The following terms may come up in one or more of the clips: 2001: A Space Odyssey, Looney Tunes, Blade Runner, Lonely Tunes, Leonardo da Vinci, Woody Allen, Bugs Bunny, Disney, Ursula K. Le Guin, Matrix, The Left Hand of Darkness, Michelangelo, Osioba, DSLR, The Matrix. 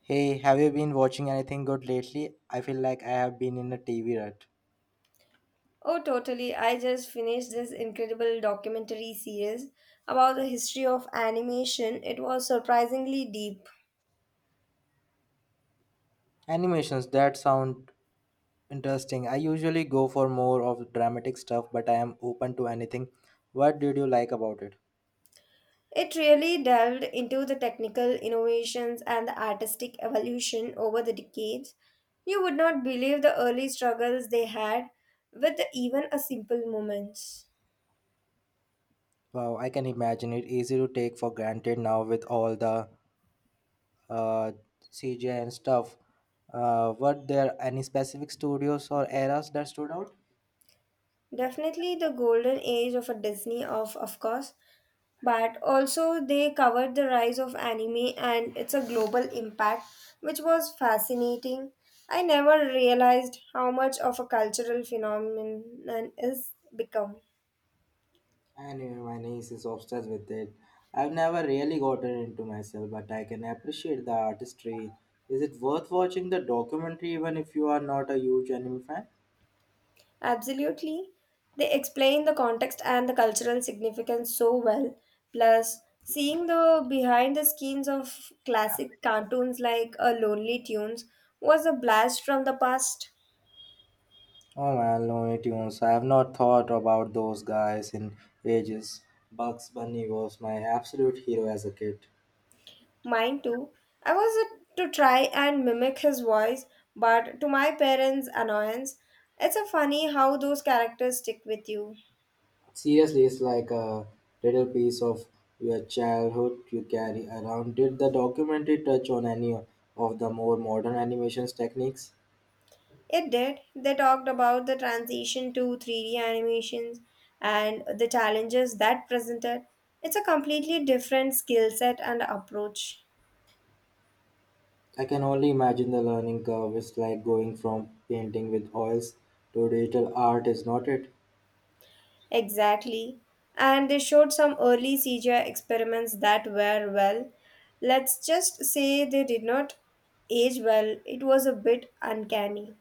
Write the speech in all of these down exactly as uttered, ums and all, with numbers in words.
Hey, have you been watching anything good lately? I feel like I have been in a T V rut. Oh, totally. I just finished this incredible documentary series about the history of animation. It was surprisingly deep. Animations that sound interesting. I usually go for more of dramatic stuff, but I am open to anything. What did you like about it? It really delved into the technical innovations and the artistic evolution over the decades. You would not believe the early struggles they had with even a simple moments. Wow, I can imagine it easy to take for granted now with all the uh, C G I and stuff. Uh, were there any specific studios or eras that stood out? Definitely the golden age of a Disney of of course, but also they covered the rise of anime and its a global impact which was fascinating. I never realized how much of a cultural phenomenon is become. And even my niece is obsessed with it. I've never really gotten into myself, but I can appreciate the artistry. Is it worth watching the documentary even if you are not a huge anime fan? Absolutely. They explain the context and the cultural significance so well. Plus, seeing the behind the scenes of classic cartoons like a Lonely Tunes was a blast from the past. Oh man, Looney Tunes. I have not thought about those guys in ages. Bugs Bunny was my absolute hero as a kid. Mine too. I was uh, to try and mimic his voice, but to my parents' annoyance, it's a funny how those characters stick with you. Seriously, it's like a little piece of your childhood you carry around. Did the documentary touch on any of the more modern animations techniques? It did. They talked about the transition to three D animations and the challenges that presented. It's a completely different skill set and approach. I can only imagine the learning curve. Is like going from painting with oils to digital art, is not it? Exactly. And they showed some early C G I experiments that were, well, let's just say they did not age well. It was a bit uncanny.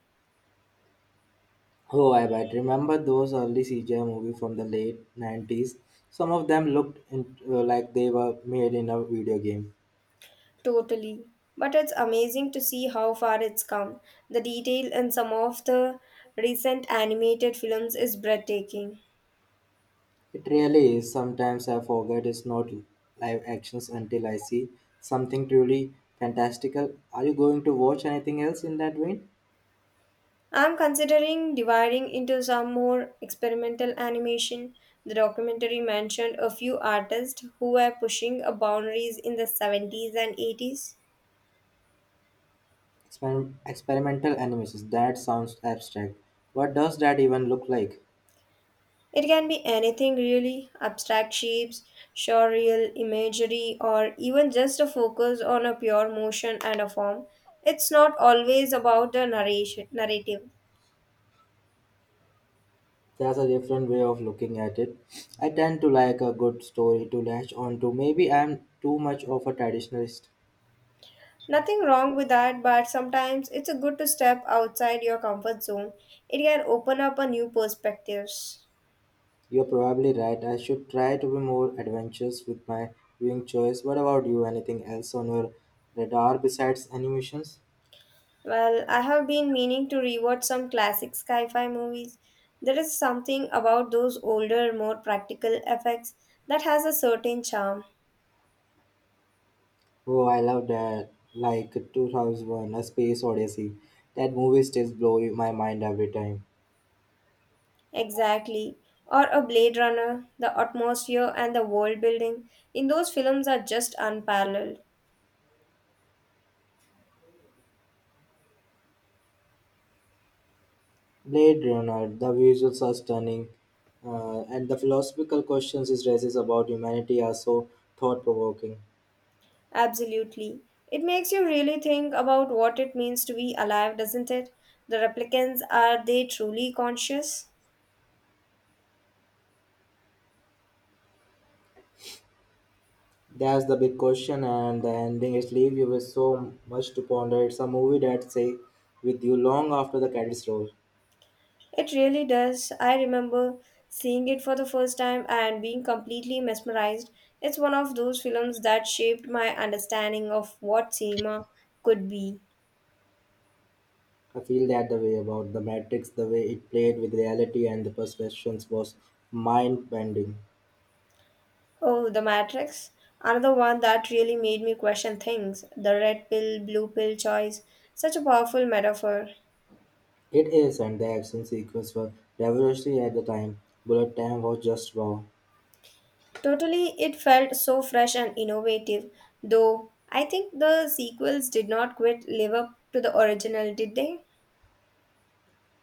Oh, I bet. Remember those early C G I movies from the late nineties? Some of them looked in, uh, like they were made in a video game. Totally. But it's amazing to see how far it's come. The detail in some of the recent animated films is breathtaking. It really is. Sometimes I forget it's not live actions until I see something truly fantastical. Are you going to watch anything else in that vein? I'm considering dividing into some more experimental animation. The documentary mentioned a few artists who were pushing a boundaries in the seventies and eighties. Exper- experimental animations. That sounds abstract. What does that even look like? It can be anything really abstract shapes, surreal imagery, or even just a focus on a pure motion and a form. It's not always about the narration narrative. That's a different way of looking at it. I tend to like a good story to latch on to. Maybe I'm too much of a traditionalist. Nothing wrong with that, but sometimes it's a good to step outside your comfort zone. It can open up a new perspectives. You're probably right. I should try to be more adventurous with my viewing choice. What about you? Anything else on your radar besides animations? Well, I have been meaning to rewatch some classic sci fi movies. There is something about those older, more practical effects that has a certain charm. Oh, I love that. Like two thousand one, A Space Odyssey. That movie still blows my mind every time. Exactly. Or a Blade Runner, the atmosphere and the world building in those films are just unparalleled. Blade Runner, the visuals are stunning, uh, and the philosophical questions it raises about humanity are so thought provoking. Absolutely. It makes you really think about what it means to be alive, doesn't it? The replicants, are they truly conscious? That's the big question, and the ending is leave you with so much to ponder. It's a movie that stay with you long after the credits roll. It really does. I remember seeing it for the first time and being completely mesmerized. It's one of those films that shaped my understanding of what cinema could be. I feel that the way about the Matrix, the way it played with reality and the perceptions was mind bending. Oh, The Matrix. Another one that really made me question things. The red pill, blue pill choice. Such a powerful metaphor. It is, and the action sequence were revolutionary at the time. Bullet time was just wow. Totally, it felt so fresh and innovative. Though, I think the sequels did not quite live up to the original, did they?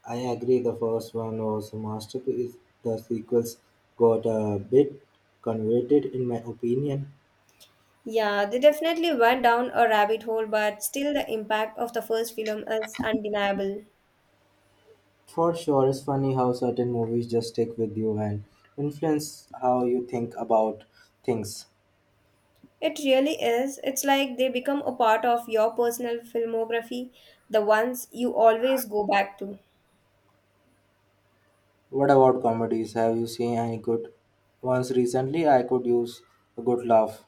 I agree the first one was a masterpiece. The sequels got a bit convoluted in my opinion. Yeah, they definitely went down a rabbit hole, but still the impact of the first film is undeniable. For sure, it's funny how certain movies just stick with you and influence how you think about things. It really is. It's like they become a part of your personal filmography, the ones you always go back to. What about comedies? Have you seen any good ones recently? I could use a good laugh.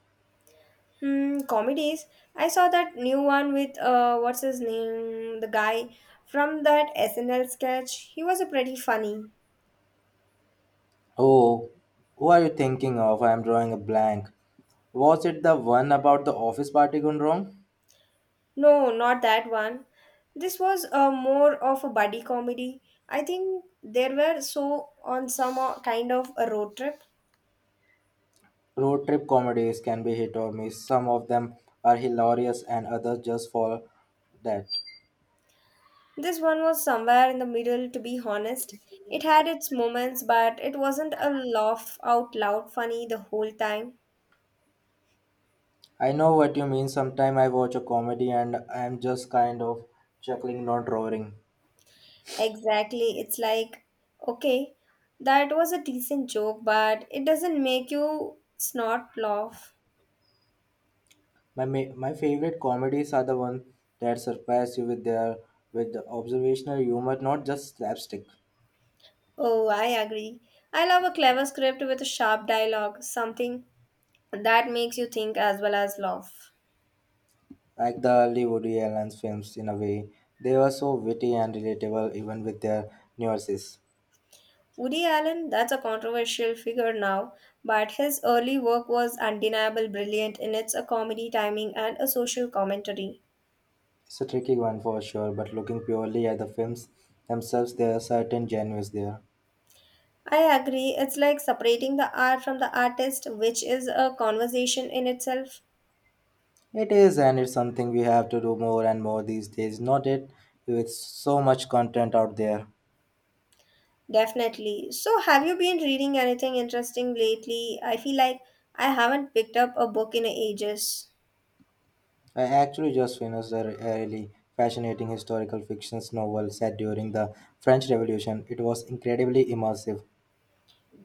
Hmm, comedies. I saw that new one with uh what's his name? The guy from that S N L sketch. He was a pretty funny. Oh, who are you thinking of? I am drawing a blank. Was it the one about the office party gone wrong? No, not that one. This was uh, more of a buddy comedy. I think they were so on some uh, kind of a road trip. Road trip comedies can be hit or miss. Some of them are hilarious and others just fall that. This one was somewhere in the middle, to be honest. It had its moments, but it wasn't a laugh out loud funny the whole time. I know what you mean. Sometimes I watch a comedy and I'm just kind of chuckling, not roaring. Exactly. It's like, okay, that was a decent joke, but it doesn't make you snort laugh. My ma- my favorite comedies are the ones that surprise you with their with the observational humor, not just slapstick. Oh, I agree. I love a clever script with a sharp dialogue, something that makes you think as well as laugh. Like the early Woody Allen films, in a way, they were so witty and relatable, even with their nuances. Woody Allen, that's a controversial figure now, but his early work was undeniably brilliant in its a comedy timing and a social commentary. It's a tricky one for sure, but looking purely at the films themselves, there are certain genuines there. I agree, it's like separating the art from the artist, which is a conversation in itself. It is, and it's something we have to do more and more these days, not it? With so much content out there. Definitely. So, have you been reading anything interesting lately? I feel like I haven't picked up a book in ages. I actually just finished a really fascinating historical fiction novel set during the French Revolution. It was incredibly immersive.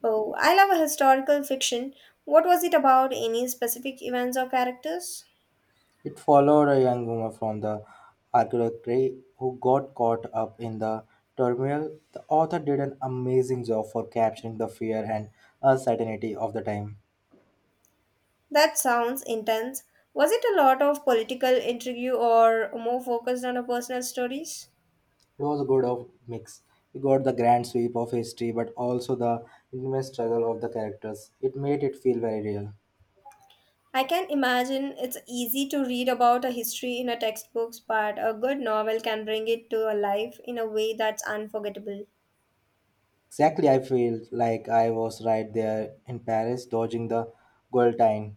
Oh, I love a historical fiction. What was it about? Any specific events or characters? It followed a young woman from the archaeology who got caught up in the turmoil. The author did an amazing job for capturing the fear and uncertainty of the time. That sounds intense. Was it a lot of political intrigue or more focused on a personal stories? It was a good of mix. You got the grand sweep of history, but also the intimate struggle of the characters. It made it feel very real. I can imagine it's easy to read about a history in a textbooks, but a good novel can bring it to a life in a way that's unforgettable. Exactly, I feel like I was right there in Paris, dodging the guillotine.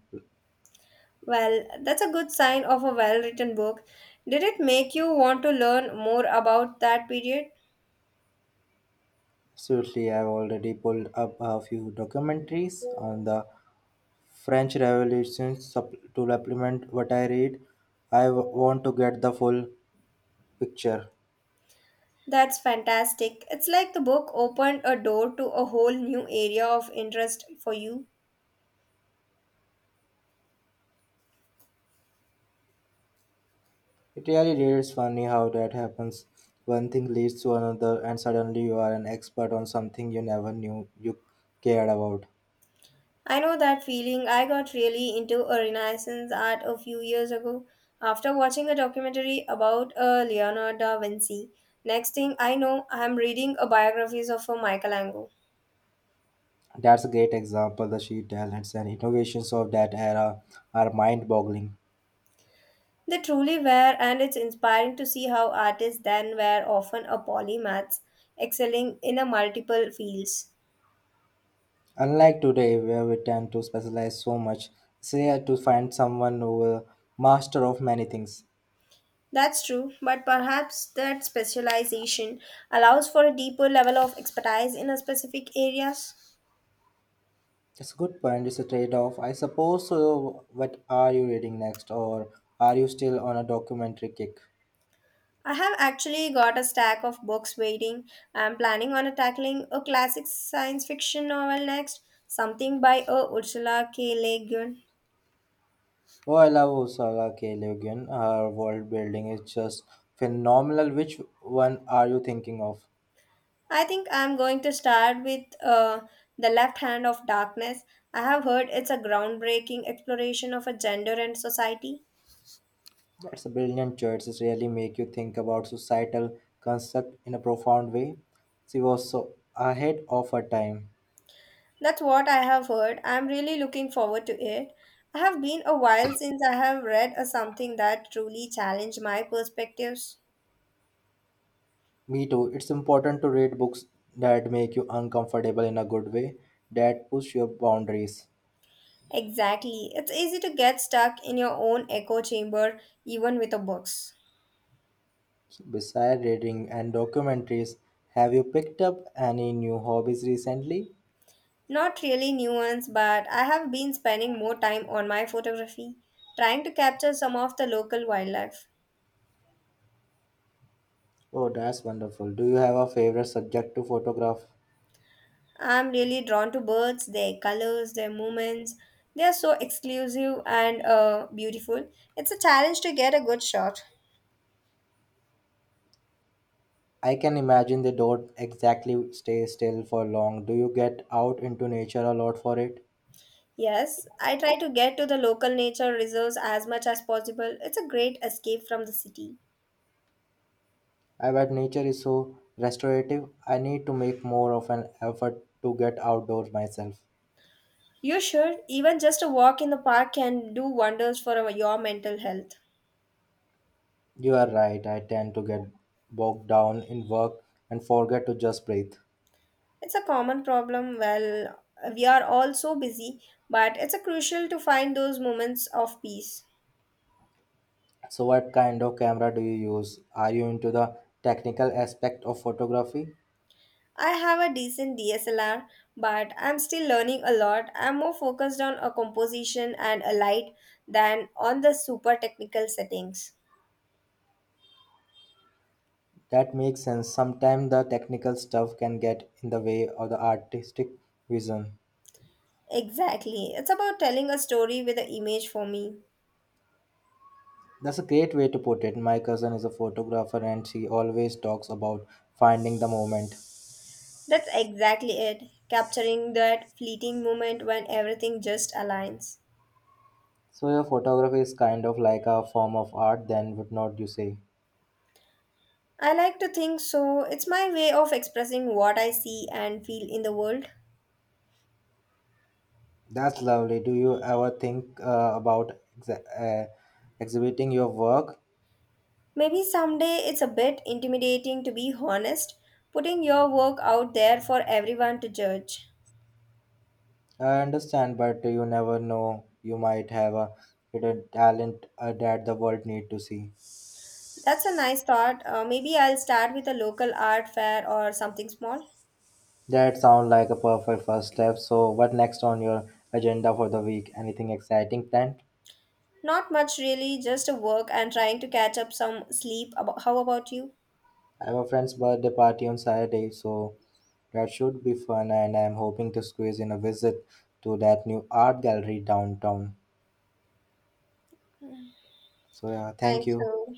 Well, that's a good sign of a well-written book. Did it make you want to learn more about that period? Seriously, I've already pulled up a few documentaries on the French Revolution sup- to supplement what I read. I w- want to get the full picture. That's fantastic. It's like the book opened a door to a whole new area of interest for you. It really is funny how that happens. One thing leads to another, and suddenly you are an expert on something you never knew you cared about. I know that feeling. I got really into a Renaissance art a few years ago after watching a documentary about uh, Leonardo da Vinci. Next thing I know, I'm reading a biographies of a Michelangelo. That's a great example. The sheer talents and innovations of that era are mind boggling. They truly were, and it's inspiring to see how artists then were often a polymaths, excelling in a multiple fields. Unlike today, where we tend to specialize so much, it's rare to find someone who is a master of many things. That's true, but perhaps that specialization allows for a deeper level of expertise in a specific areas. It's a good point. It's a trade-off, I suppose. So, what are you reading next, or are you still on a documentary kick? I have actually got a stack of books waiting. I'm planning on tackling a classic science fiction novel next, something by uh, Ursula K. Le Guin. Oh, I love Ursula K. Le Guin. Her world building is just phenomenal. Which one are you thinking of? I think I'm going to start with uh, The Left Hand of Darkness. I have heard it's a groundbreaking exploration of a gender and society. That's a brilliant choice. It really make you think about societal concept in a profound way. She was so ahead of her time. That's what I have heard. I'm really looking forward to it. I have been a while since I have read a something that truly challenged my perspectives. Me too. It's important to read books that make you uncomfortable in a good way, that push your boundaries. Exactly. It's easy to get stuck in your own echo chamber even with the books. Besides reading and documentaries, have you picked up any new hobbies recently? Not really nuanced, but I have been spending more time on my photography, trying to capture some of the local wildlife. Oh, that's wonderful. Do you have a favorite subject to photograph? I'm really drawn to birds, their colors, their movements. They are so exclusive and uh, beautiful. It's a challenge to get a good shot. I can imagine they don't exactly stay still for long. Do you get out into nature a lot for it? Yes, I try to get to the local nature reserves as much as possible. It's a great escape from the city. I bet nature is so restorative. I need to make more of an effort to get outdoors myself. You should. Even just a walk in the park can do wonders for our- your mental health. You are right, I tend to get bogged down in work and forget to just breathe. It's a common problem. Well, we are all so busy, but it's a crucial to find those moments of peace. So, what kind of camera do you use? Are you into the technical aspect of photography? I have a decent D S L R, but I'm still learning a lot. I'm more focused on a composition and a light than on the super technical settings. That makes sense. Sometimes the technical stuff can get in the way of the artistic vision. Exactly. It's about telling a story with an image for me. That's a great way to put it. My cousin is a photographer and she always talks about finding the moment. That's exactly it. Capturing that fleeting moment when everything just aligns. So, your photography is kind of like a form of art, then, would not you say? I like to think so. It's my way of expressing what I see and feel in the world. That's lovely. Do you ever think uh, about exa- uh, exhibiting your work? Maybe someday it's a bit intimidating to be honest, putting your work out there for everyone to judge. I understand, but you never know. You might have a hidden talent uh, that the world need to see. That's a nice thought. Uh, maybe I'll start with a local art fair or something small. That sounds like a perfect first step. So, what next on your agenda for the week? Anything exciting planned? Not much really, just a work and trying to catch up some sleep. Abo- How about you? I have a friend's birthday party on Saturday, so that should be fun. And I'm hoping to squeeze in a visit to that new art gallery downtown. So, yeah, thank Thank you. you.